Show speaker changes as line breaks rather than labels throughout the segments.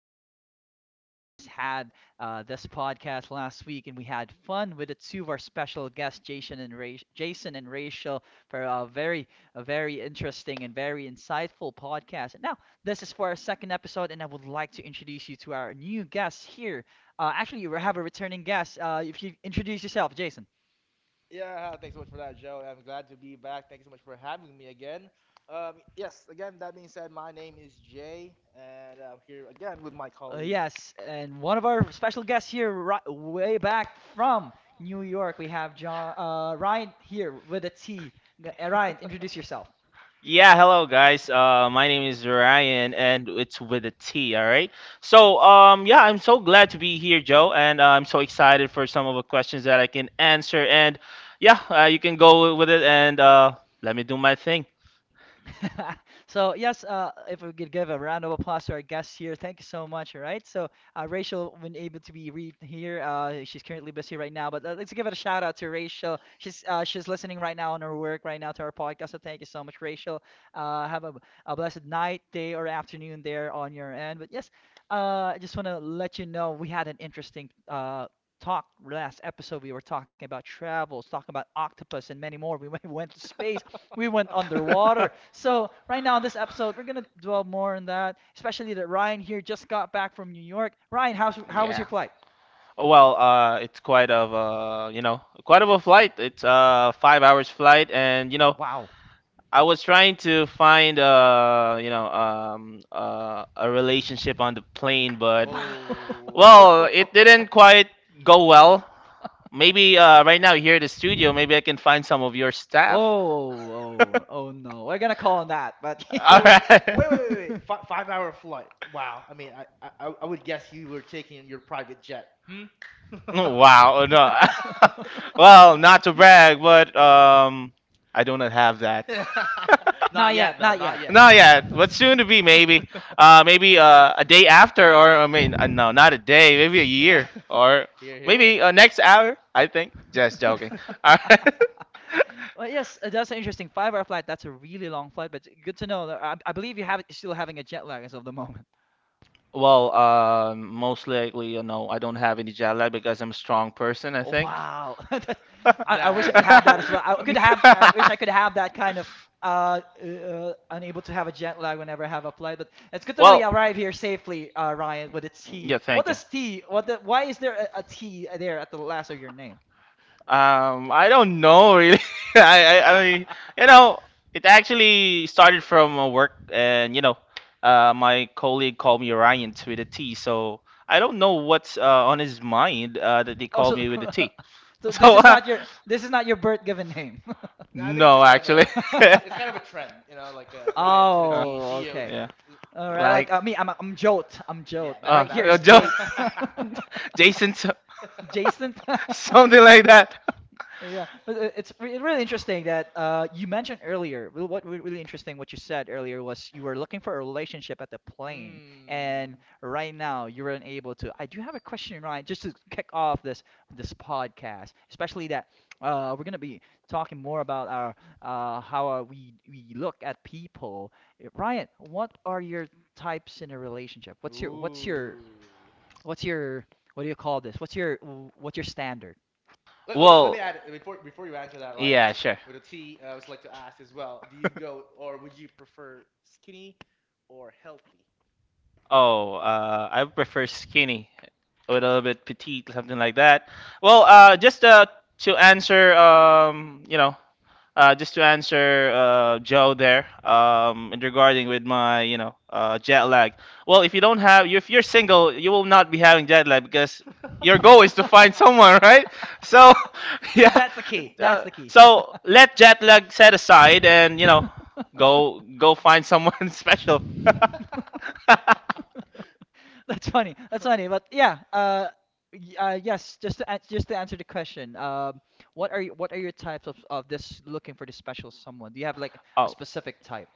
of our podcast. We just had this podcast last week, and we had fun with the two of our special guests, Jason and Jason and Rachel, for a very interesting and very insightful podcast. And now, this is for our second episode, and I would like to introduce you to our new guest here. Actually, we have a returning guest. If you introduce yourself, Jason.
Yeah, thanks so much for
Yeah,
that, Joe. I'm glad to be back. Thank you so much for having me again. Yes, again, that being said, my name is Jay, and I'm here again with my colleague.
Yes, and yes, and one of our special guests here, ri way back from New York, we have Ryan here with a T. Ryan, introduce yourself.
Yeah, hello guys. My name is Ryan, and it's with a T. All right. So, yeah, I'm so glad to be here, Joe, and I'm so excited for some of the questions that I can answer. And yeah, you can go with it, and let me do my thing.
So yes, if we could give a round of applause to our guests here, thank you so much. All right, so Rachel been able to be re here. She's currently busy right now, but let's give it a shout out to Rachel. She's listening right now on her work right now to our podcast. So thank you so much, Rachel. Have a blessed night, day, or afternoon there on your end. But yes, I just want to let you know we had an interesting talk last episode. We were talking about travels, talking about octopus and many more. We went to space, we went underwater. So right now in this episode we're going to dwell more on that, especially that Ryan here just got back from New York. Ryan, how was your flight?
Well, it's quite of a flight. It's a 5 hours flight, and
Wow.
I was trying to find, a relationship on the plane, but
Wow.
Oh.
well, it didn't quite go well. Maybe right now here at the studio, maybe I can find some of your staff.
Oh,
All
oh, oh no. We're gonna call on that, but
Wait,
yeah.
wait,
right.
wait, wait! Fi 5-hour flight. Wow. I mean, I would guess you were taking your private jet. Hmm?
Oh, wow. Oh, no. Well, not to brag, but I do not have that.
Not
Not
yet,
yet,
though.
not
Not
yet.
yet.
Not yet, but soon to be maybe. Maybe a day after, or I mean, no, not a day, maybe a
Yeah.
year, or
You're here.
maybe next hour. I think. Just joking. All right.
Well, yes, that's interesting. Five-hour flight, that's a really long flight, but good to know that I believe you have still having a jet lag as of the moment.
Well, most likely, I don't have any jet lag because I'm a strong person, I
Oh,
think.
wow. I
That
wish I could
is
have that
true.
as well. I wish I could have that kind of unable to have a jet lag whenever I have a flight, but it's good to know
Well,
you arrived here safely, Ryan, with a T.
yeah,
What
thank you.
does T? Why is there a T there at the last of your name?
I don't know really. I mean, you know, it actually started from work, and my colleague called me Orion with a T. So I don't know what's on his mind that they
Oh,
called
so,
me with a T.
so this
So,
is not your this is not your birth given name.
No, I think it's
no,
just kind of a
actually.
it's kind of a trend, you know, like Ryan to the
Uh,
T,
Oh,
Geo
okay.
to
yeah.
the,
All
yeah,
right,
Like,
like me, I'm Jote. I'm
yeah,
Jote.
that
uh,
Right here
that's
uh,
is
it.
jo-
Jade.
Jason,
Jason.
something like that.
Yeah, but it's re really interesting that you mentioned earlier. Really interesting what you said earlier was you were looking for a relationship at the plane, and
Mm.
right now you're unable to. I do have a question, Ryan, just to kick off this podcast, especially that we're gonna be talking more about our how we look at people. Ryan, what are your types in a relationship? What's your what's your
Ooh.
what's your what do you call this? What's your standard?
Let me
Well,
add before you answer that, Ryan,
yeah, sure.
with a T, I would like to ask as well. Do you go or would you prefer skinny or healthy?
Oh, I prefer skinny, a little bit petite, something like that. Well, just to answer, just to answer Joe there, in regarding with my, jet lag. Well, if you don't have, if you're single, you will not be having jet lag because your goal is to find someone, right? So,
So
yeah.
that's the key. That's the key.
So let jet lag set aside and, go find someone special.
That's funny. That's funny. But yeah, yes. Just to answer the question, what are your types of this looking for this special someone? Do you have like a
Oh,
specific type?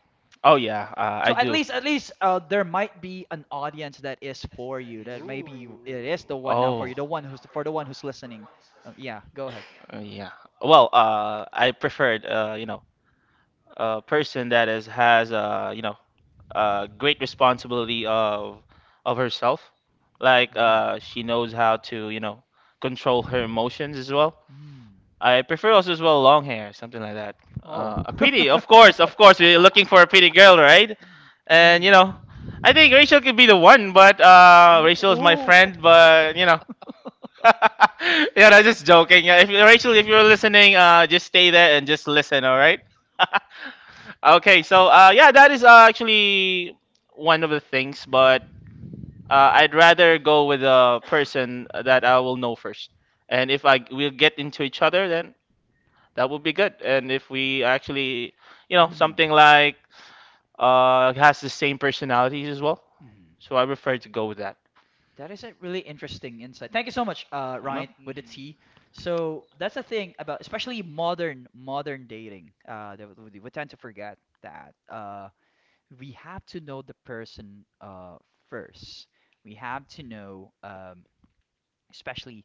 oh yeah, I
So at
do.
least there might be an audience that is for you.
Ooh.
It is
Oh.
the one now for you, the one who's for the one who's listening. Yeah, go ahead.
Yeah. Well, I preferred, a person that is has, great responsibility of herself. Like,
Mm.
she knows how to, control her emotions as well.
Mm.
I prefer also as well long hair, something like that.
Oh.
A pretty, of course, we're looking for a pretty girl, right? And
Mm.
I think Rachel could be the one, but
Mm,
Rachel is my
ooh.
friend, but yeah, I'm just joking. Yeah, if you're listening, just stay there and just listen, all right? Okay, so yeah, that is actually one of the things, but I'd rather go with a person that I will know first. And if I we'll get into each other, then that would be good. And if we actually,
Mm.
something like has the same personalities as well.
Mm.
So I prefer to go with that.
That is a really interesting insight. Thank you so much,
Well,
Ryan, with the
Mm.
T. So that's the thing about, especially modern dating. That we tend to forget that. We have to know the person first. We have to know, especially,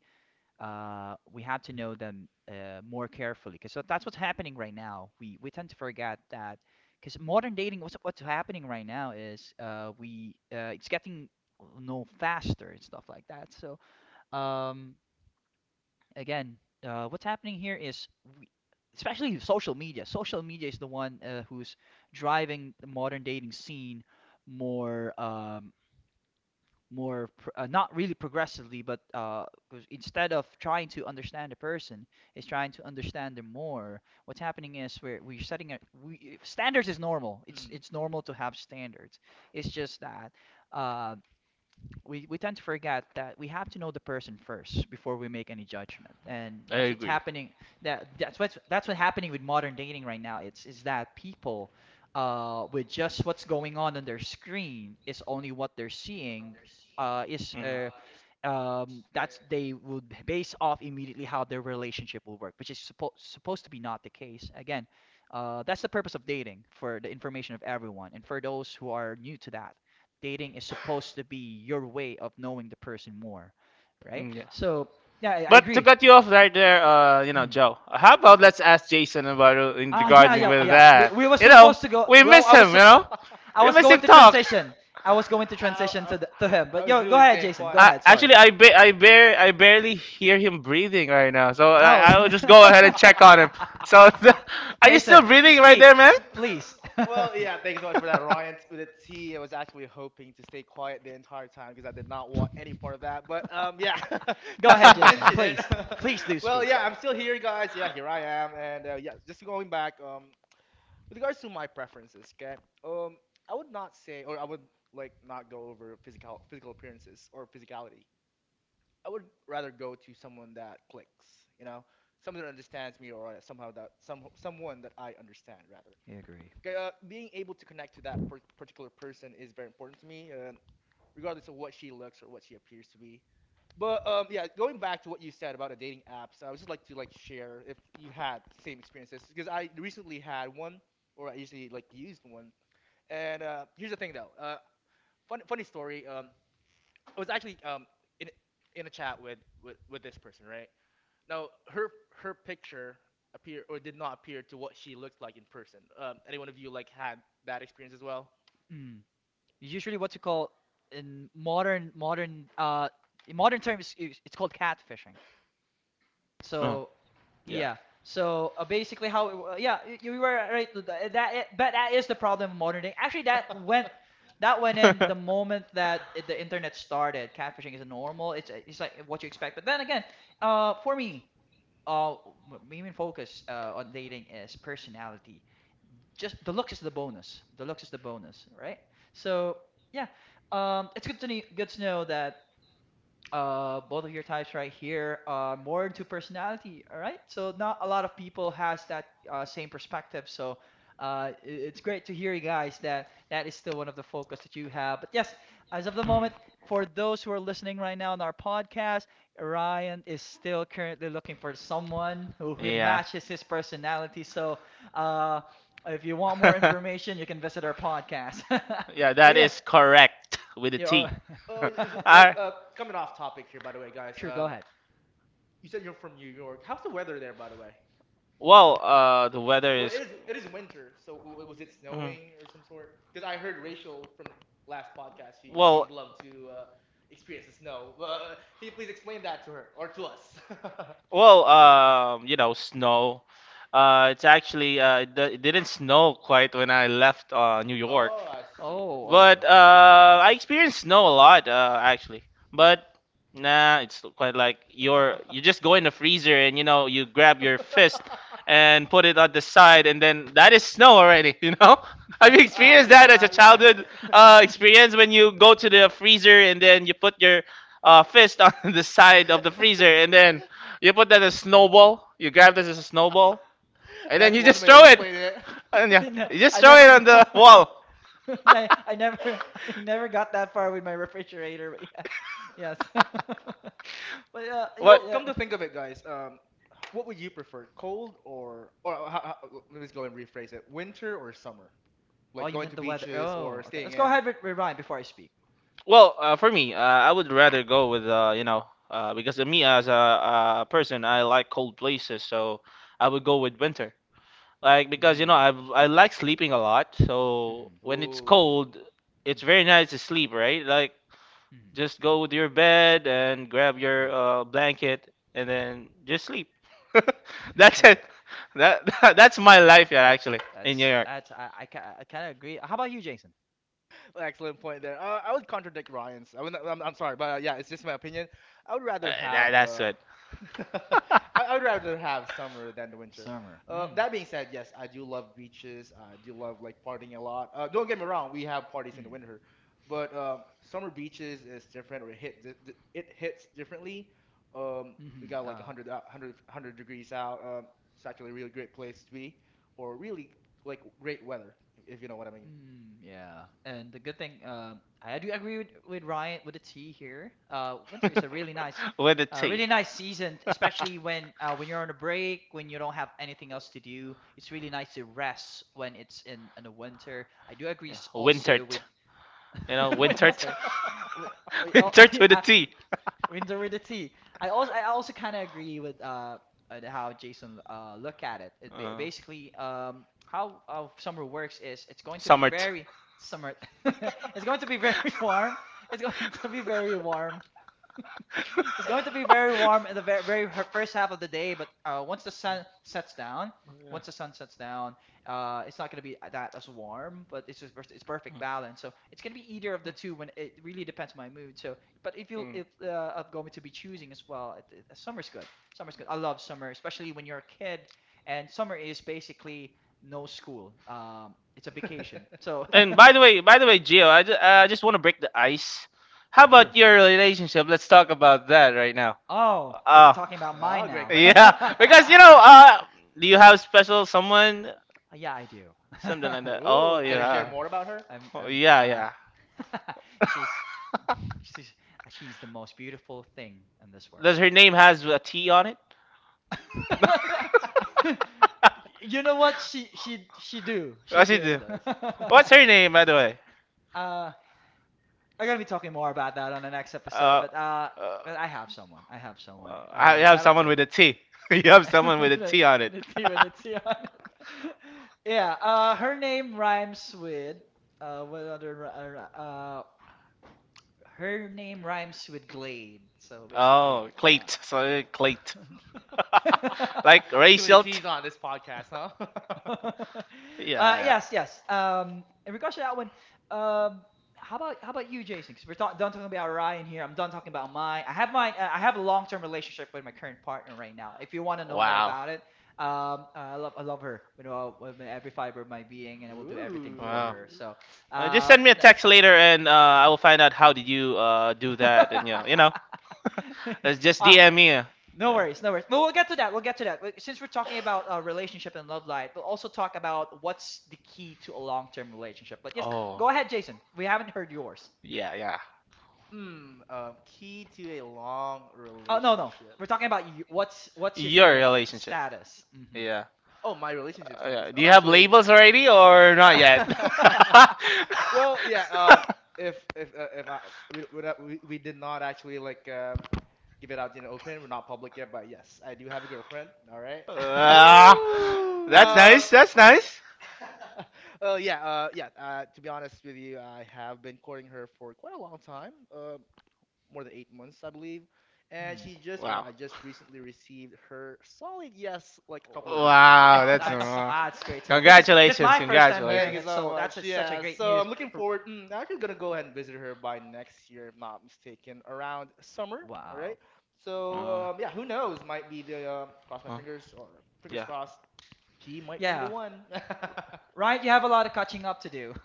we have to know them more carefully, because that's what's happening right now. We tend to forget that because modern dating, what's happening right now is we it's getting, well, no faster and stuff like that. Um, again, what's happening here is, we, especially social media. Social media is the one who's driving the modern dating scene more, not really progressively, but 'cause instead of trying to understand a person, is trying to understand them more. What's happening is we're setting a we standards is normal.
Mm.
It's normal to have standards. It's just that uh, we tend to forget that we have to know the person first before we make any judgment, and
I
that's what's
agree.
happening. That's what's happening with modern dating right now. It's is that people with just what's going on their screen is only what they're seeing.
Mhm.
Is That's, they would base off immediately how their relationship will work, which is supposed to be not the case. Again, that's the purpose of dating, for the information of everyone and for those who are new to that. Dating is supposed to be your way of knowing the person more, right?
Mm, yeah.
So yeah, I
But to
agree.
cut you off right there,
Mm.
Joe, how about let's ask Jason about in regards with
Yeah.
that?
We were
You know,
supposed to go.
we miss him, you know?
I
We
was
miss
going
him
to
talk.
transition. I was going to
I,
transition
I, I
to to him,
I
but
was
yo, go
really
ahead,
staying
Jason. Go
quiet.
I,
ahead. Sorry.
actually, I, ba- I, bar- I barely hear him breathing right now, so
Oh.
I'll just go ahead and
I, I,
check on him. So, are you still
Jason,
breathing right
speak,
there, man?
please.
Well, yeah, thanks so much for that, Ryan. With a T, I was actually hoping to stay quiet the entire time because I did not want any part of that. But yeah,
Go
since you
ahead, Jason.
mentioned it,
Please, please do
well,
speak.
yeah, I'm still here, guys. Yeah, here I am, and yeah, just going back with regards to my preferences, okay? Um, I would not say, or I would like not go over physical appearances or physicality. I would rather go to someone that clicks, you know, someone that understands me, or somehow that someone that I understand rather
You agree.
being able to connect to that particular person is very important to me, regardless of what she looks or what she appears to be. But yeah, going back to what you said about the dating apps, I would just like to like share if you had same experiences because I recently had one, or I usually like used one. And here's the thing though, funny story. I was actually in in a chat with, with this person, right? Now her picture appear or did not appear to what she looked like in person. Anyone of you like had that experience as well?
Mm. Usually what you call in modern terms, it's called catfishing.
No.
So
Yeah.
yeah. So basically how yeah, you were right but that is the problem of modern day. Actually, that went in the moment that the internet started. Catfishing is normal. It's like what you expect. But then again, for me, main focus on dating is personality, just the looks is the bonus. The looks is the bonus, right? So yeah, it's good to good to know that both of your types right here are more into personality. All right, so not a lot of people has that same perspective. So it's great to hear you guys that that is still one of the focus that you have. But yes, as of the moment,
Mhm.
for those who are listening right now on our podcast, Ryan is still currently looking for someone who matches his personality. So uh, if you want more information, you can visit our podcast.
Yeah,
But
that
yeah,
is correct with a
yeah. Or...
T.
Oh, it was like
I
coming off topic here, by the way, guys.
Sure. Go ahead.
You said you're from New York. How's the weather there, by the way?
well, the weather
Well, it
is.
is it is winter, so was it
Mhm.
snowing or some sort? Because I heard Rachel from the last podcast, she
Well,
would love to experience the snow. uh, can you please explain that to her or to us?
Well, snow. It's actually it didn't snow quite when I left New York,
Oh, I see, I see.
Oh.
but I experienced snow a lot
Okay.
actually. But nah, it's quite like you just go in the freezer and you grab your fist and put it on the side, and then that is snow already. You know, have you
Ah,
experienced that as a
yeah, ah,
childhood experience when you go to the freezer and then you put your fist on the side of the
yeah.
freezer and then you put that as a snowball? You grab this as a snowball, and then
That's
you
one
just
way of
throw it.
explaining it.
And yeah,
No,
you just
I
throw it
never
on the
got.
wall.
I never I never got that far with my refrigerator, but yes. Yes. But
What?
well,
yeah.
come to think of it, guys, what would you prefer, cold or let me just go and rephrase it, winter or summer?
Oh,
Like
you
going
meant
to
the weather.
beaches or
Oh, okay.
staying
Let's go
in.
ahead with rewind before I speak.
Well, for me, I would rather go with because me as a person, I like cold places, so I would go with winter. Like because
Mm.
I like sleeping a lot, so
Mhm.
when it's
Ooh.
cold, it's
Mhm.
very nice to sleep, right? Like,
Mhm.
just go to your bed and grab your
Yeah.
blanket and then just sleep. That's it. That, that's my life, yeah, actually, in New York.
That's I, ca- I kind of agree. How about you, Jason?
Excellent point there. I would contradict Ryan's. I would, I'm sorry, but yeah, it's just my opinion. I would rather have
That's it.
I would rather have summer than the winter.
Summer. Mm.
That being said, yes, I do love beaches. I do love like partying a lot. Don't get me wrong, we have parties in the
Mm.
winter, but summer beaches is different. Or it hits differently. We
Mhm.
got like 100 degrees out. It's actually a really great place to be, or really like great weather, if you know what I mean.
Mm, yeah. And the good thing, I do agree with Ryan with the tea here. Winter is a
With the tea.
really nice season, especially when you're on a break, when you don't have anything else to do. It's really nice to rest when it's in the winter. I do agree
Yeah,
also
wintered.
with
You know, wintered.
winter. We, we
It
all,
starts with a
yeah,
T.
Winter Winteridity. I also kind of agree with how Jason look at it. It
Uh,
basically, how summer works is it's going to be
Summer.
very summer. It's going to be very warm. It's going to be very warm. It's going to be very warm in the first half of the day, but once the sun sets down, once the sun sets
Yeah.
down, it's not going to be that as warm, but it's just it's perfect balance. So it's going to be either of the two. When it really depends on my mood. So, but if you if I'm going to be choosing as well, summer's good. Summer's good. I love summer, especially when you're a kid, and summer is basically no school. It's a vacation. So.
By the way, Gio, I just want to break the ice. How
Sure.
about your relationship? Let's talk about that right now.
Oh, we're
Ah.
talking about mine
Oh, great
now.
question.
Yeah, because do you have special someone,
Yeah, I do.
something like that? Oh
Ooh, can you share
yeah,
Uh,
more about her?
oh,
I'm,
yeah, yeah.
she's, she's, she's the most beautiful thing in this world.
Does her name has a T on it?
You know what? She do, she
What she
she
do.
do?
does.
What's her name, by the way?
Uh, we're gonna be talking more about that on the next episode,
Uh, uh, uh,
but I have someone. I have someone.
I have
Shout out
someone
to
with a T. You have
her.
someone with a T on it.
The T with the T on it. Yeah. Her name rhymes with what other ri- ri- her name rhymes with Glade. So basically
Oh,
like
Clate. Sorry, Clate.
that.
Like
Too many
racial.
T's on this podcast, huh?
Yeah,
Yes,
yeah.
yes. In regards to that one, um, how about you, Jason? Because we're done talking about Ryan here. I'm done talking about mine. I have mine. I have a long-term relationship with my current partner right now. If you want to know more
Wow.
about it, I love her. You know, with every fiber of my being, and I will do everything for
Wow.
her.
Ooh.
So,
Just
uh,
send me a text later, and I will find out how did you do
no-
that, and let's just
uh,
DM me. Yeah.
no worries, no worries. But we'll get to that. We'll get to that. But since we're talking about relationship and love life, we'll also talk about what's the key to a long-term relationship. But yes,
Oh,
go ahead, Jason. We haven't heard yours.
yeah, yeah.
Hmm. Key to a long
Oh no, no.
relationship.
We're talking about you. What's your
Your
current
relationship.
status? Hmm.
Yeah.
Oh, my relationship status.
Yeah. Do
I'm
you have
actually.
labels already or not yet?
well, yeah. If I we don't- We did not actually like give it out in the open. We're not public yet, but yes, I do have a girlfriend. All right.
Ah, that's
Woo!
um.
nice. That's nice.
Well, yeah. Yeah. To be honest with you, I have been courting her for quite a long time. More than 8 months, I believe. And
Hmm.
she just, or
Wow.
I just recently received her solid yes, like a couple of weeks back.
Wow,
Wow,
that's
that's that's great to know. This is
congratulations,
my first time
Thank
hearing
congratulations.
you
it,
so
so that's
much.
a, such a
Yeah,
great
so
news.
I'm looking
R-
forward. I'm actually gonna go ahead and visit her by next year, if not mistaken, around summer. All
Wow.
right.
Uh,
So yeah, who knows? Might be the cross my
uh,
fingers or fingers
yeah.
crossed. She might be the
Yeah.
one.
Right? You have a lot of catching up to do.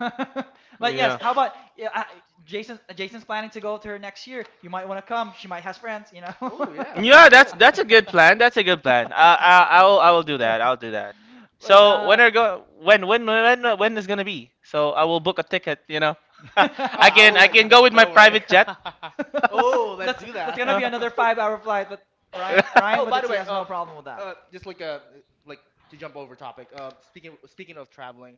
But yes,
Yeah.
how about yeah, Jason? Jason's planning to go to her next year. You might want to come. She might has friends, you know.
Oh yeah, she
Yeah, that's
would.
that's a good plan. That's a good plan. I will do that. I'll do that.
But
So when are go when is gonna be? So I will book a ticket. You know,
Oh,
I
I
can
will
I
let you
can go
know.
with my
Don't worry.
private jet.
oh, let's
that's
do
that's
that.
gonna be another five-hour flight. But Ryan Ryan
oh, by the
Boditsi
way,
has no problem with that.
just like to jump over topic. Um, speaking of traveling,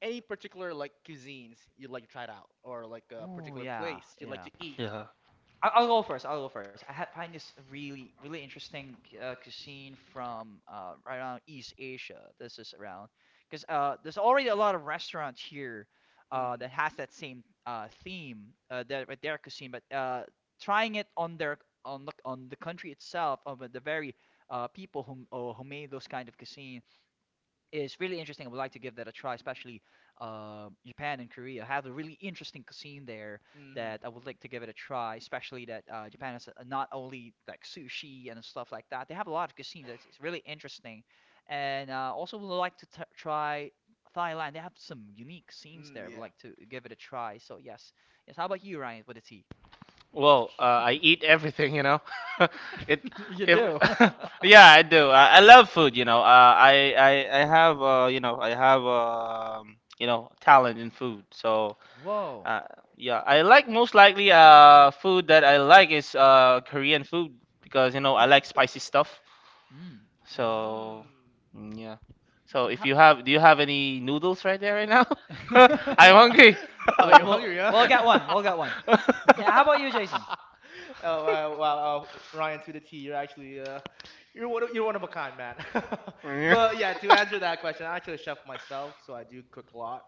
any particular like cuisines you'd like to try it out, or like a
Ooh,
particular
yeah,
place you'd like
yeah.
to eat?
Yeah.
I'll go first. I'll go first. I had find this really really interesting cuisine from right around East Asia. This is around because there's already a lot of restaurants here
Mm,
that has that same theme that with their cuisine, but trying it on their on the country itself of the very people who made those kind of cuisines, it's really interesting. I would like to give that a try, especially Japan and Korea have a really interesting cuisine there
mm,
that I would like to give it a try. Especially that Japan has not only like sushi and stuff like that. They have a lot of cuisine that's it's really interesting, and also would like to t try Thailand. They have some unique scenes there. I would
yeah.
like to give it a try. So yes, yes. How about you, Ryan, with a T?
Well, I eat everything, you know. it
You
if
do.
yeah, I do. I love food. I have talent in food. So,
Whoa.
uh, yeah, I like most likely food that I like is Korean food because I like spicy stuff.
Mm.
So,
Mm.
mm, yeah. So,
Yeah.
if
Ha-
you have do you have any noodles right there right now? I'm hungry.
oh,
we'll,
you
we'll,
hungry, huh?
we'll get one. We'll get one. Hey, how about you, Jason?
Oh wow, wow, Ryan to the T. You're actually you're one of a kind, man.
Yeah.
But yeah, to answer that question, I actually a chef myself, so I do cook a lot.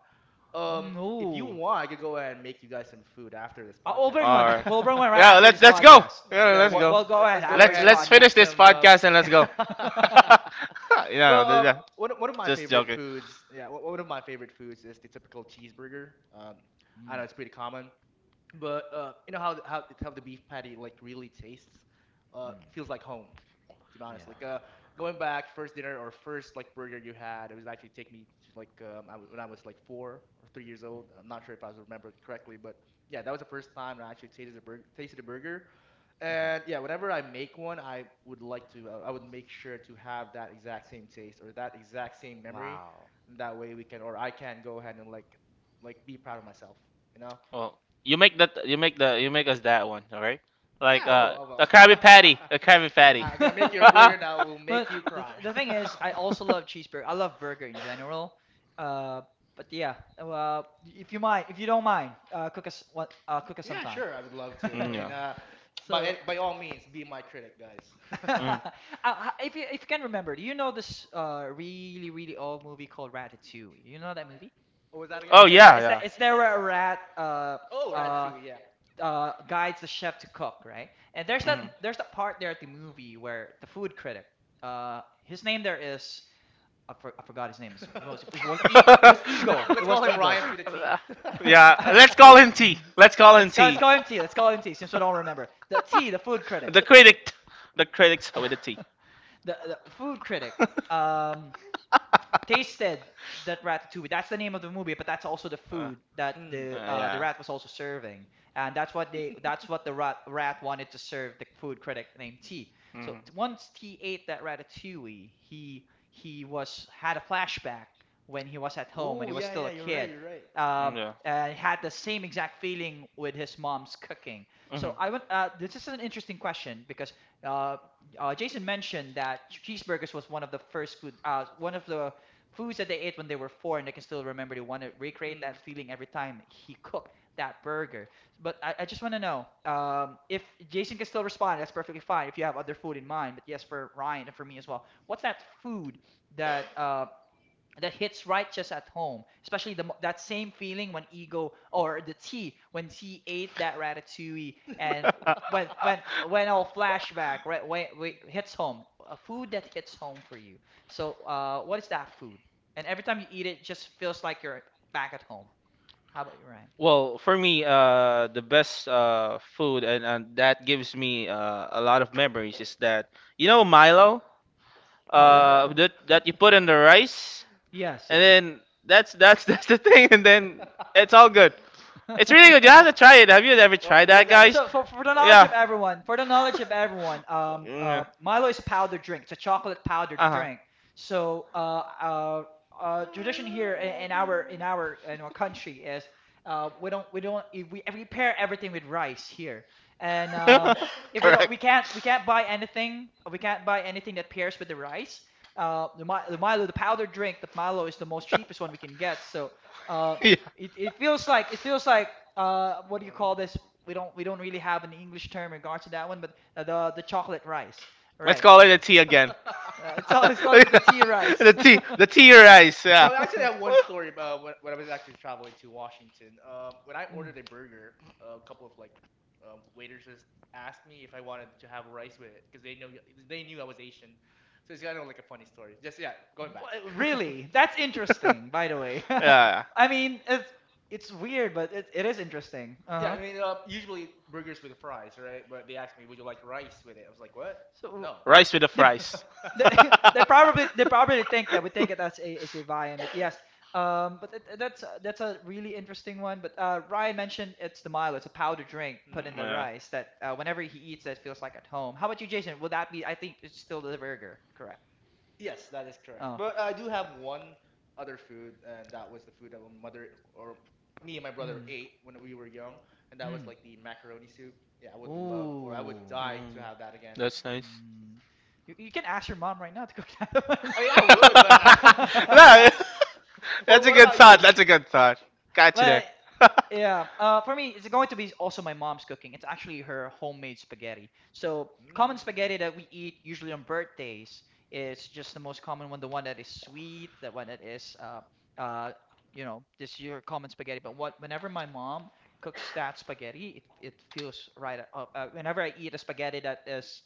Um, if you
No.
want, I could go ahead and make you guys some food after this
We'll bring
podcast.
All
one.
right.
We'll bring one right
Yeah,
after
let's
this
let's go.
podcast.
Yeah,
Yeah,
let's
We'll,
what?
go.
we'll go ahead
Let's go
after
Let's
this
ahead
let's
and make
finish
podcast.
this
some.
podcast and let's go.
Mm,
yeah,
Well,
yeah.
one of my
Just
favorite
joking.
foods, yeah, one of my favorite foods is the typical cheeseburger. I know it's pretty common. But you know how how the beef patty like really tastes?
mm,
Feels like home, to be honest.
yeah.
Like going back first dinner or first like burger you had, it was actually take me to like when I was like 4 or 3 years
Mm,
old. I'm not sure if I was remembered correctly, but yeah, that was the first time I actually tasted a burger.
mhm.
And yeah, whenever I make one, I would like to I would make sure to have that exact same taste or that exact same memory.
Wow.
And that way we can or I can go ahead and like be proud of myself, you know?
Well, you make us that one, all right? Like
Yeah, I will. I
a
will.
Krabby Patty, a Krabby Patty.
I'm gonna make you a burger that will make
But
you
the th
cry.
the thing is, I also love cheeseburger. I love burger in general. Uh, but yeah, well, if you mind, if you don't mind, cook us
yeah,
sometime.
sure. I would love to.
Mm, yeah.
So,
By all means, be my critic, guys.
uh,
Mm.
if you can remember, do you know this really really old movie called Ratatouille? You know that movie?
what was that again?
Oh
It's a-
yeah,
it's that
yeah.
it's there where a rat
Oh,
uh
Ratatouille. Yeah.
guides the chef to cook, right? And there's that
Mhm.
there's that part there at the movie where the food critic, his name there is I forgot his name. It was it was, e, it was ego. It
Let's
was
call him
ego.
Ryan to the T.
yeah, let's call
E-
him T. Let's call him
let's go. Let's
T.
call him T. Let's call him T. Since we don't remember the T, the food critic,
The critic. The critics with a T.
the food critic. Um, Tasted that ratatouille. That's the name of the movie, but that's also the
Uh,
food that
Mm.
the
yeah.
rat was also serving, and that's what they that's what the rat wanted to serve the food critic named T. So
Mhm.
once T ate that ratatouille, he was had a flashback when he was at home and
Oh
he was
yeah,
still
yeah,
a
you're right,
kid.
you're right.
Mm,
Um,
yeah.
and had the same exact feeling with his mom's cooking. So
Mhm.
I want. This is an interesting question because uh, Jason mentioned that cheeseburgers was one of the first food, one of the foods that they ate when they were four and they can still remember they want to recreate
Mm.
that feeling every time he cooked that burger. But I just want to know if Jason can still respond, that's perfectly fine if you have other food in mind, but yes, for Ryan and for me as well, what's that food that that hits right just at home, especially the that same feeling when Ego or the T when T ate that ratatouille and when when when all flashback right when hits home, a food that hits home for you. So what is that food? And every time you eat it, it just feels like you're back at home. How about you, Ryan?
Well, for me, the best food and that gives me a lot of memories is that Milo
Oh yeah,
Hmm.
yeah.
that you put in the rice,
Yes,
and
yes.
then that's that's the thing, and then it's all good. It's really good. You have to try it. Have you ever tried
What was
that,
that?
guys?
So for the knowledge
Yeah.
of everyone, for the knowledge of everyone,
yeah.
Milo is a powder drink. It's a chocolate powdered
Uh
drink. So tradition
Milo
here in
every
our
day.
in our in our country is we don't we don't we pair everything with rice here, and
huh.
if we don't
Correct.
we can't buy anything we can't buy anything that pairs with the rice. The, the Milo, the powdered drink, the Milo is the most cheapest one we can get. So uh
Yeah.
it, it feels like what do you call this? We don't we don't really have an English term in regards to that one, but the chocolate rice,
Let's
right?
call it a tea again.
It's all it's called it the tea rice.
The tea, the tea or ice. Yeah.
I actually have one story about when I was actually traveling to Washington. When I
Mm.
ordered a burger, a couple of like waitresses asked me if I wanted to have rice with it because they knew I was Asian. So it's kind of like a funny story. Just yeah, going
Wha-
back.
Really? That's interesting, by the way.
yeah.
I mean, it's weird, but it is interesting. Uh-huh.
Usually burgers with fries, right? But they asked me, would you like rice with it? I was like, what?
So
No.
The
they
Fr-
fries.
they they probably think that we think it as a viand, but yes, but that, that's a really interesting one. But Ryan mentioned it's the Milo, it's a powder drink put in the
Hmm.
yeah.
rice, that whenever he eats it feels like at home. How about you, Jason? Would that be? I think it's still the burger, correct?
Yes, that is correct.
Oh,
But I do have one other food, and that was the food that my mother or me and my brother
mm,
ate when we were young, and that was
mm.
like the macaroni soup. Yeah, I would love, or I would
Ooh.
die to
Mm.
have that again.
That's nice.
Mm, you can ask your mom right now to cook that
I mean, I would, but not.
no,
one.
well,
that's a
what
good
about you?
thought. That's a good thought. Got you there.
But yeah, for me, it's going to be also my mom's cooking. It's actually her homemade spaghetti. So
Mm,
common spaghetti that we eat usually on birthdays is just the most common one, the one that is sweet, the one that is uh, you know, this is your common spaghetti. But what whenever my mom cooks that spaghetti, it feels right. Whenever I eat a spaghetti that is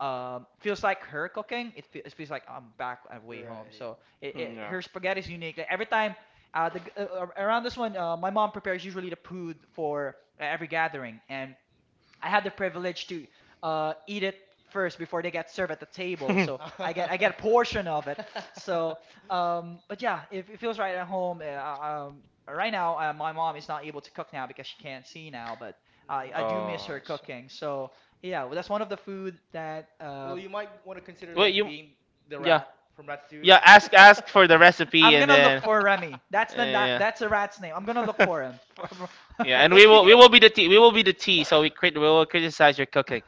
feels like her cooking it, it feels like I'm back at way home,
right.
so it,
yeah.
her spaghetti is unique. Like, every time around this one my mom prepares usually the food for every gathering, and I had the privilege to eat it first before they get served at the table, so I get a portion of it. So, but yeah, it feels right at home. Right now, my mom is not able to cook now because she can't see now, but I
Mm.
I do miss her
oh.
cooking. So yeah, well, that's one of the food that
Well, you might want to consider
Well,
like being the
yeah,
rat from Ratatouille.
yeah. Ask for the recipe
I'm
and
gonna look
then
for Remy.
yeah,
That's a rat's name. I'm gonna look for him.
yeah. And
Well,
we will
speaking
we
of
will be the tea. We will be the tea. So we will criticize your cooking.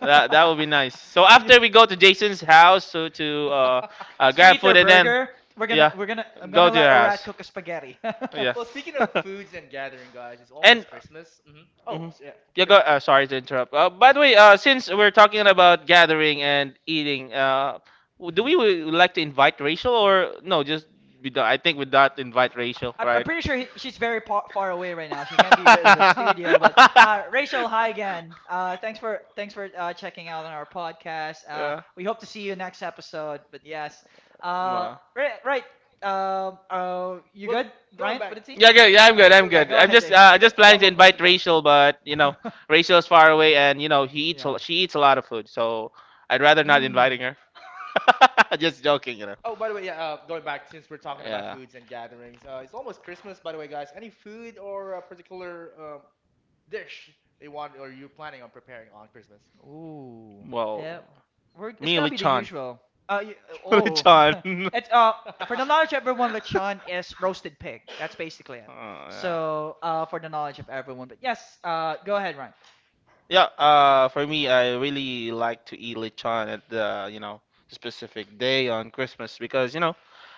That will be nice. So
You-
after we go to Jason's house to
to
grab
eat
food
their
and then
burger. We're gonna
yeah,
we're gonna I'm
go
gonna
to your
let a
house.
rat cook a spaghetti.
Oh, yeah.
well, speaking of foods and gathering, guys, it's
and
almost Christmas. Hmm. Oh,
Mhm.
yeah,
yeah,
sure.
go. Sorry to interrupt. By the way, since we're talking about gathering and eating, uh, w- do we
Mhm.
w- like to invite Rachel or no? Just we don't, I think we don't invite Rachel,
I'm
right?
pretty sure she's very far away right now. She can't be with the studio, but Rachel, hi again. Thanks for checking out on our podcast.
Yeah.
We hope to see you next episode. But yes, uh,
Ma.
right, right. You
Well,
good,
going
Ryan? What
back.
did he?
Yeah, good. Yeah, I'm
No,
good.
that's
I'm
what,
Yeah,
well,
good.
go ahead, Jason.
I just
I
planning
got
to
one
invite
question though.
Rachel, but Rachel's far away, and
Yeah.
she eats a lot of food, so I'd rather not
Mm.
inviting her. Just joking.
Oh, by the way, yeah, going back since we're talking about
Yeah.
foods and gatherings, it's almost Christmas, by the way, guys. Any food or a particular dish they want or you're planning on preparing on Christmas?
Ooh.
Well,
Yep. We're, it's
me
gonna be the
lechon,
usual. Uh, y- oh.
lechon.
It's for the knowledge of everyone, lechon is roasted pig. That's basically it.
Oh yeah.
So for the knowledge of everyone, but yes, go ahead, Ryan.
Yeah, for me, I really like to eat lechon at the specific day on Christmas because, you know,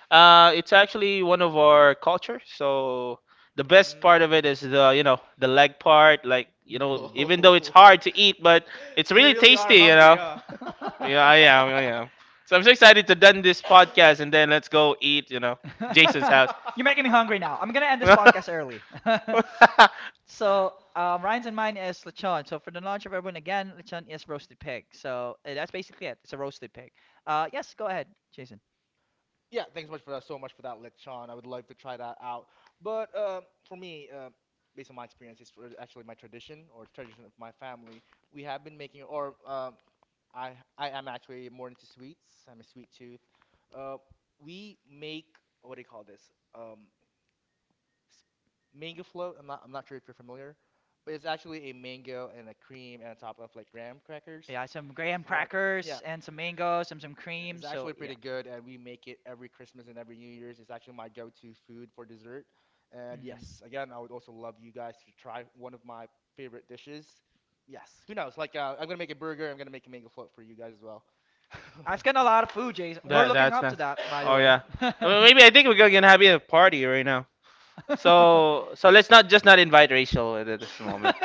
uh, it's actually one of our culture. So the best part of it
Mm.
is the leg part. Like, you know,
Mm.
even though it's
Oh,
hard to eat, but it's
you
really
really are
tasty, you
hungry,
know.
huh?
Yeah, I am. So I'm so excited to done this podcast and then let's go eat, Jason's house.
You're making me hungry now. I'm gonna end this podcast early. So, Ryan's and mine is lechon. So, for the knowledge of everyone, again, lechon is roasted pig. So, that's basically it. It's a roasted pig. Yes, go ahead, Jason.
Yeah, thanks so much for that. So much for that, Lit Sean. I would love to try that out. But for me, based on my experience, it's actually my tradition or tradition of my family. We have been making, or I I am actually more into sweets. I'm a sweet tooth. Uh, we make what do you call this? S- mango float. I'm not sure if you're familiar, but it's actually a mango and a cream and on top of like graham crackers.
Yeah, some graham
Uh,
crackers
yeah.
and some mangoes and some cream.
It's
So,
actually pretty
yeah.
good, and we make it every Christmas and every New Year's. It's actually my go-to food for dessert. And
Mm.
yes, again, I would also love you guys to try one of my favorite dishes. Yes, who knows? Like, I'm gonna make a burger. I'm gonna make a mango float for you guys as well.
That's getting a lot of food, Jason. We're
That
looking
that's
up to
nice.
that, by the
Oh
way.
yeah. Well, maybe I think we're gonna have a party right now. So let's not just not invite Rachel at this moment.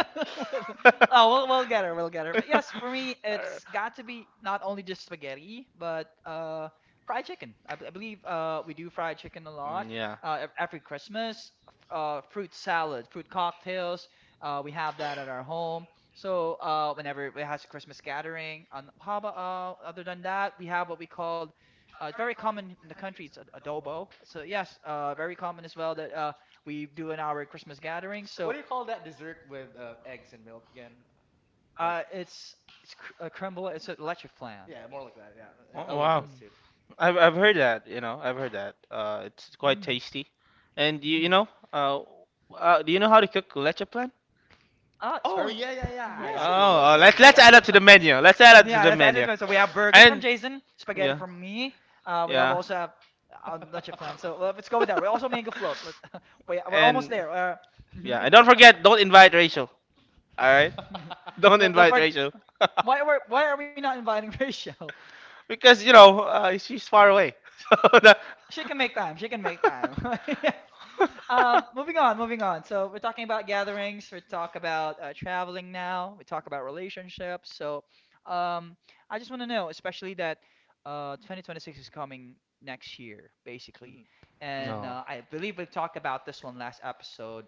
Oh, we'll get her. We'll get her. But yes, for me, it's got to be not only just spaghetti, but fried chicken. I, I believe we do fried chicken a lot.
yeah.
Every Christmas, fruit salad, fruit cocktails. We have that at our home. So, whenever we has a Christmas gathering, on how about other than that, we have what we call it's very common in the country. It's adobo. So yes, very common as well that we do in our Christmas gathering.
What
So
do you call that dessert with eggs and milk again? Like,
uh, it's crumble. It's a leche flan.
yeah, more like that. Yeah, yeah, I
Oh,
love
wow.
those
Mm,
too.
I've heard that. You know, I've heard that. It's quite
mm,
tasty. And you
mhm.
know, do you know how to cook leche plan?
Ah, it's
Oh
very.
yeah, yeah, yeah. I
Yes,
actually
yes.
Oh,
love those
let's
as
It's
let's
well.
add
actually.
up to the menu. Let's add up to
Yeah,
the menu.
that's it. So we have burgers from
And
Jason, spaghetti
yeah,
from me. We have
yeah.
also have not your plan. So let's go with that. We also make a float. Let's. we we're almost
and
there.
yeah,
Mhm.
and don't forget, don't invite Rachel. All right, don't
Don't
invite
forg-
Rachel.
Why were why are we not inviting Rachel?
because she's far away.
She
So
can
the-
make time. She can make time. Yes. Moving on, moving on. So we're talking about gatherings. We talk about traveling now. We talk about relationships. So um, I just want to know, especially that 2026 is coming next year, basically.
Mhm.
And
No.
I believe we talked about this one last episode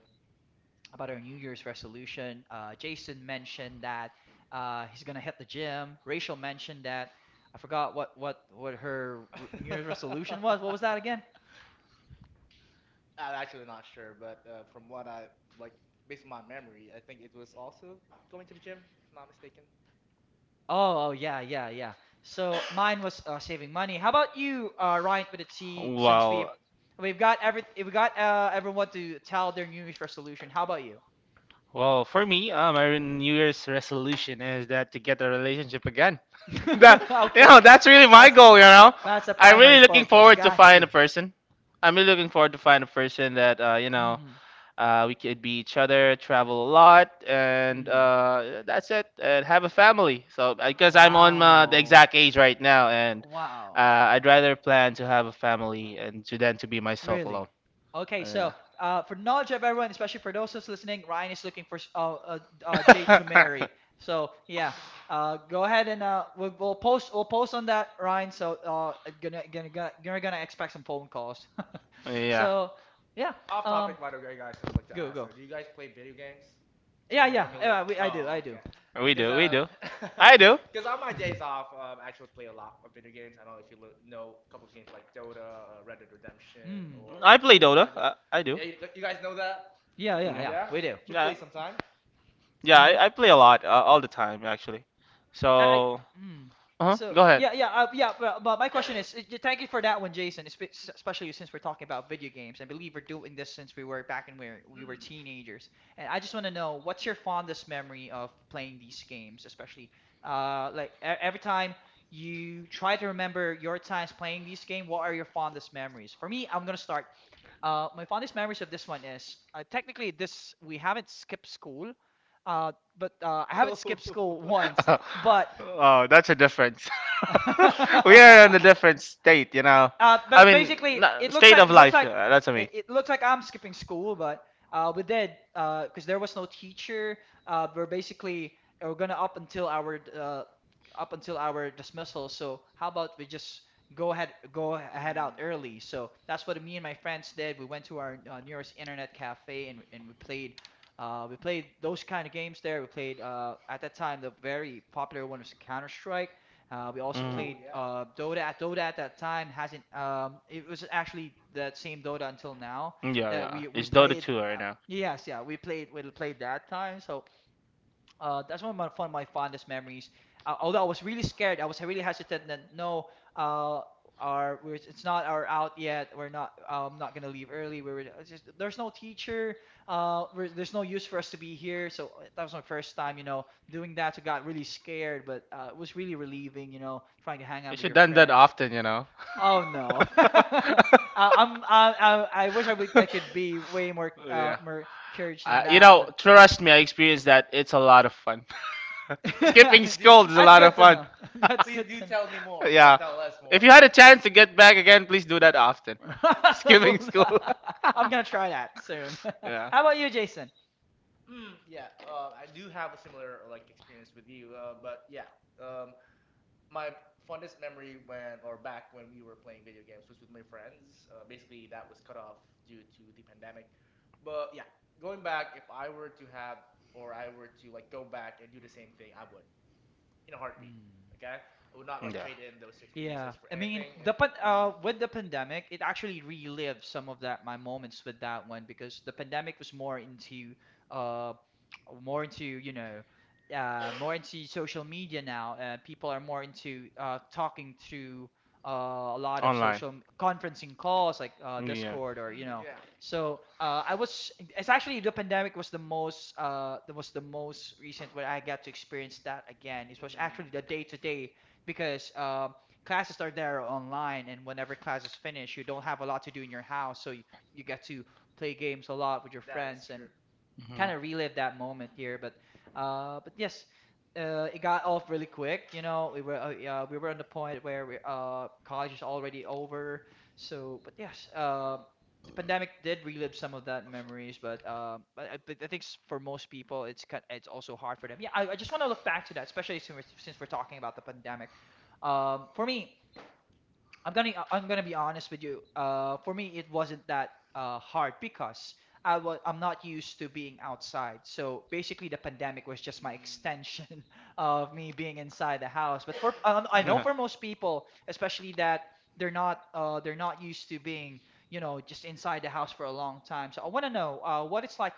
about our New Year's resolution. Jason mentioned that he's gonna hit the gym. Rachel mentioned that I forgot what her New Year's resolution was. What was that again?
I'm actually not sure, but from what I like, based on my memory, I think it was also going to the gym, if I'm not mistaken.
Oh, oh, yeah, yeah, yeah. So mine was saving money. How about you, Ryan, with a T, since we
Well,
we've got every we got everyone to tell their New Year's resolution. How about you?
well, for me, my New Year's resolution is that to get a relationship again. that, you know,
Okay,
that's really my
that's the-
goal. You know,
that's the
I'm
primary
really looking
focus.
forward to
Got
find
you.
a person. I'm really looking forward to find a person that
Hmm.
we could be each other, travel a lot, and
Mm.
uh, that's it, and have a family. So because I'm on the
Wow.
exact age right now, and
Wow.
Uh, I'd rather plan to have a family and to then to be myself alone.
Really? Okay, so
Yeah.
for knowledge of everyone, especially for those who's listening, Ryan is looking for a date to marry. So yeah, go ahead and we'll post on that, Ryan. So gonna gonna gonna you're gonna expect some phone calls.
yeah,
So yeah,
Off
um,
topic, by the way, guys. I just like to
go
ask. So,
go.
do you guys play video games?
Yeah,
Anyone
yeah,
familiar?
yeah. We,
Oh,
I do.
okay.
we
Because
do, we do. I do.
because on my days off, I actually play a lot of video games. I don't know if you know a couple of games like Dota, Red Dead Redemption,
Hmm.
or
I play
Mobile
Dota.
Legends.
I do.
Yeah, you guys know that?
Yeah, yeah,
Yeah.
yeah.
Yeah,
We do.
should
Yeah.
play sometime.
Yeah,
Mm-hmm.
I play a lot, all the time actually.
I
So,
mm.
uh-huh,
So
go ahead.
yeah, yeah, yeah. But my question is, thank you for that one, Jason. Especially since we're talking about video games. I believe we're doing this since we were back when we were
Mm.
teenagers. And I just want to know, what's your fondest memory of playing these games, especially every time you try to remember your times playing these game. What are your fondest memories? For me, I'm gonna start. My fondest memories of this one is technically this we haven't skipped school, but I haven't skipped school once. But
oh, that's a difference. we are in a
uh,
different state, you know. I
but
mean,
basically,
state of life. Yeah, that's what I mean.
it looks like I'm skipping school, but we did because there was no teacher. We're basically we're gonna up until our dismissal. So how about we just go ahead out
Mm.
early? So that's what me and my friends did. We went to our nearest internet cafe and we played. We played those kind of games there. We played at that time the very popular one was Counter Strike, we also
Mm.
played Dota. At Dota at that time hasn't. It was actually that same Dota until now
Yeah,
that
yeah.
we
It's Dota
played.
2 right now.
Yes, yeah, we played that time. So that's one of my fondest memories. Although I was really scared, I was really hesitant. That no, uh, our we're, it's not our out yet. We're not. I'm not gonna leave early. We were it's just there's no teacher. We're, there's no use for us to be here. So that was my first time, you know, doing that. So got really scared, but it was really relieving, you know, trying to hang
You
out with
should
your
done that
friends.
often, you know.
Oh no, I wish I could be way more
yeah.
courage than
You
that.
know, trust me, I experienced that. It's a lot of fun.
Please
Skipping
do.
school is a
That's
lot of
good to
fun.
know. That's
Please
good
do
to
tell me more or
yeah.
tell us
If
more.
you had a chance to get back again, please do that often.
know.
Skipping school.
I'm gonna try that soon.
yeah.
How about you, Jason?
Yeah, I do have a similar like experience with you, but yeah, um, my fondest memory when or back when we were playing video games was with my friends. Basically, that was cut off due to the pandemic. But yeah, going back, if I were to have or I were to like go back and do the same thing, I would in a heartbeat.
Hmm.
Okay, I would not like
Yeah.
trade in those
Yeah,
experiences for
I mean
anything.
the pan
Mm,
with the pandemic, it actually relived some of that my moments with that one because the pandemic was more into uh more into you know more into social media now and people are more into talking to a lot of
Online.
conferencing calls like
Yeah.
Discord or you know.
yeah.
So I was it's actually the pandemic was the most that was the most recent where I got to experience that again. It was
Mm.
actually the day to day because classes are there online, and whenever classes finish, you don't have a lot to do in your house, so you get to play games a lot with your
That is
friends and
true.
hmm
kind of relive that moment here. But yes, it got off really quick. You know, we were yeah, we were on the point where college is already over. So, but yes, the pandemic did relive some of that memories, but but I think for most people, it's also hard for them. Yeah, I just want to look back to that, especially since we're talking about the pandemic. For me, I'm gonna be honest with you. For me, it wasn't that hard because I'm not used to being outside. So basically, the pandemic was just my
Mm.
extension of me being inside the house. But for I know for most people, especially that they're not used to being you know just inside the house for a long time. So I want to know uh what it's like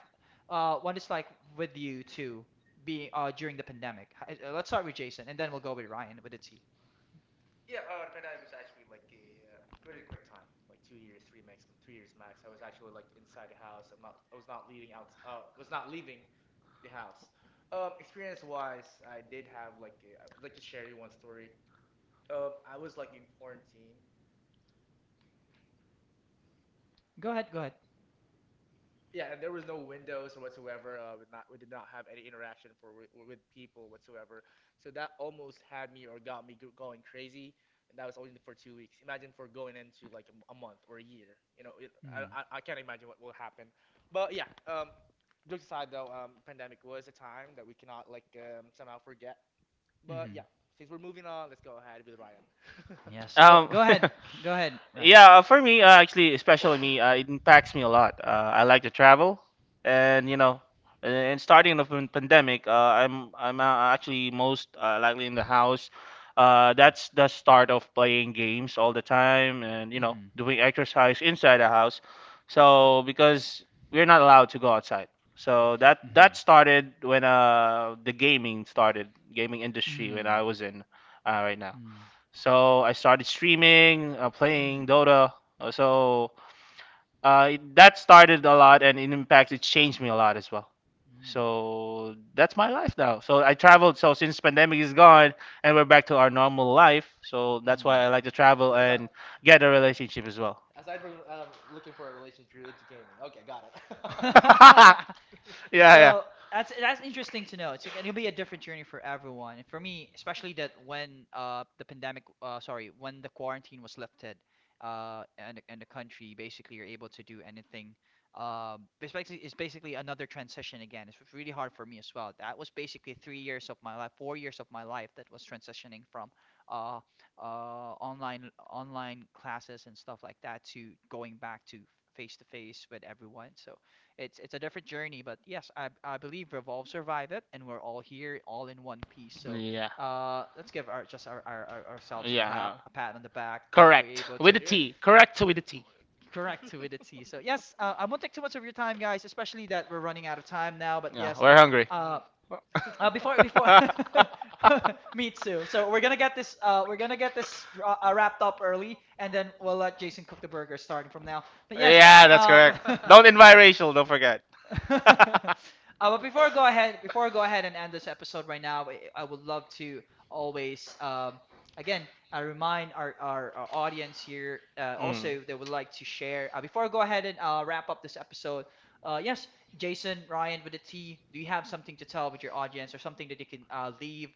uh what it's like with you to be during the pandemic. Let's start with Jason, and then we'll go with Ryan with the T.
Yeah, the pandemic was actually like a uh, really quick time, like 2 years, three max, 3 years max. I was actually like inside the house. I was not leaving out, was not leaving the house. Experience wise, I did have like, a, I'd like to share you one story. I was like in quarantine.
Go ahead, go ahead.
Yeah, and there was no windows or whatsoever. We did not have any interaction for with people whatsoever. So that almost had me or got me going crazy. And that was only for 2 weeks. Imagine for going into like a month or a year. You know, it,
Hmm.
I can't imagine what will happen. But yeah, jokes aside though, pandemic was a time that we cannot like somehow forget. But
Hmm.
yeah, since we're moving on, let's go ahead with Ryan.
Yes.
So
Go go ahead. Go ahead, Ryan.
Yeah, for me, actually, especially me, it impacts me a lot. I like to travel, and you know, and starting the pandemic, I'm actually most likely in the house. That's the start of playing games all the time, and you know,
Mhm.
doing exercise inside the house. So because we're not allowed to go outside, so that
Mhm.
that started when the gaming started, gaming industry when
Mm.
I was in right now.
Mm.
So I started streaming, playing
Mm.
Dota. So that started a lot, and it impacted, changed me a lot as well. So that's my life now. So I traveled. So since pandemic is gone and we're back to our normal life, so that's
Mm.
why I like to travel
aside,
and get a relationship as well.
aside from looking for a relationship you're into gaming. Okay, got
Mm.
it.
yeah, yeah.
So that's interesting to know. It's like, it'll be a different journey for everyone, and for me, especially that when the pandemic, sorry, when the quarantine was lifted, and the country basically you're able to do anything. Basically, it's basically another transition again. It's really hard for me as well. That was basically 3 years of my life, 4 years of my life that was transitioning from uh online classes and stuff like that to going back to face with everyone. So it's a different journey, but yes, I believe Revolve survived it, and we're all here, all in one piece. So,
Yeah.
let's give our ourselves a clap,
Yeah.
a pat on the back that we're
Correct.
Yeah,
able
here,
With
to
a
here.
T. Correct with a T.
correct fluidity. So yes, I won't take too much of your time, guys, especially that we're running out of time now. But
Yeah,
yes,
we're hungry.
Mhm.
uh, before before me too. So we're gonna get this we're gonna get this wrapped up early, and then we'll let Jason cook the burger starting from now. But yes,
Oh,
yeah, that's
uh,
yeah.
correct. Don't invite Rachel, don't forget.
But before I go ahead, before I go ahead and end this episode right now, I would love to always, again, I remind our audience here
Mm.
also they would like to share. Before I go ahead and wrap up this episode, yes, Jason, Ryan with a T, do you have something to tell with your audience or something that they can leave?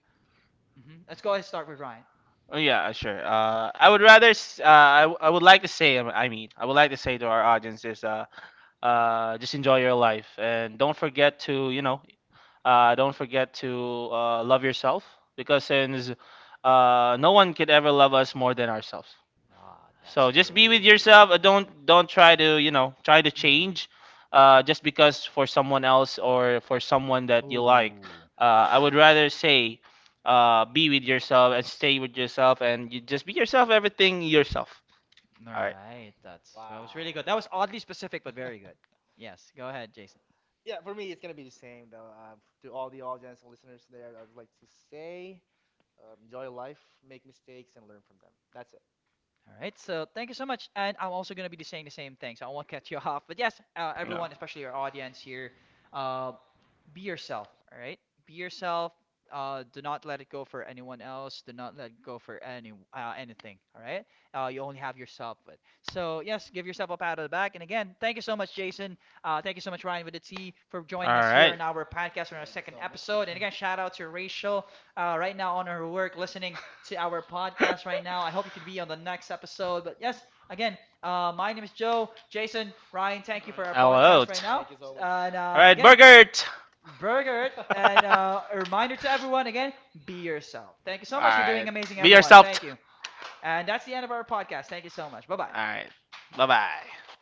Hmm. Let's go ahead and start with Ryan.
Oh, yeah, sure. I would like to I would like to say to our audience is, just enjoy your life and don't forget to, don't forget to love yourself because since no one could ever love us more than ourselves.
Ah, that's
So just be
correct.
with
Ooh.
yourself. Don't try to try to
Hmm.
change, just because for someone else or for someone that you like.
Ooh,
I would rather say be with yourself and stay with yourself and you just be yourself. Everything yourself.
all
All right.
right. That's that was really
Wow.
good. That was oddly specific, but very good. Yes, go ahead, Jason.
yeah, for me, it's gonna be the same though. To all the audience and listeners there, I would like to say, enjoy life, make mistakes, and learn from them. That's it.
All right, so thank you so much, and I'm also gonna be saying the same thing, so I won't cut you off. But yes,
No.
everyone, especially our audience here, uh, be yourself, all right? Be yourself. Do not let it go for anyone else. Do not let it go for any anything. All right. You only have yourself. With. So yes, give yourself a pat on the back. And again, thank you so much, Jason. Thank you so much, Ryan with the for
All
joining us here
right.
in our podcast on our second episode. And again, shout out to Rachel right now on her work, listening to our podcast right now. I hope you can be on the next episode. But yes, again, my name is Joe, Jason, Ryan. Thank you for our
Hello. All
podcast right now. And
right,
again,
Burgert.
Burgert. And a reminder to everyone again be yourself. Thank you
All
so much. You're doing
right.
amazing,
Be
everyone.
yourself.
Thank you. And that's the end of our podcast. Thank you so much. Bye
All
bye.
right. Bye bye.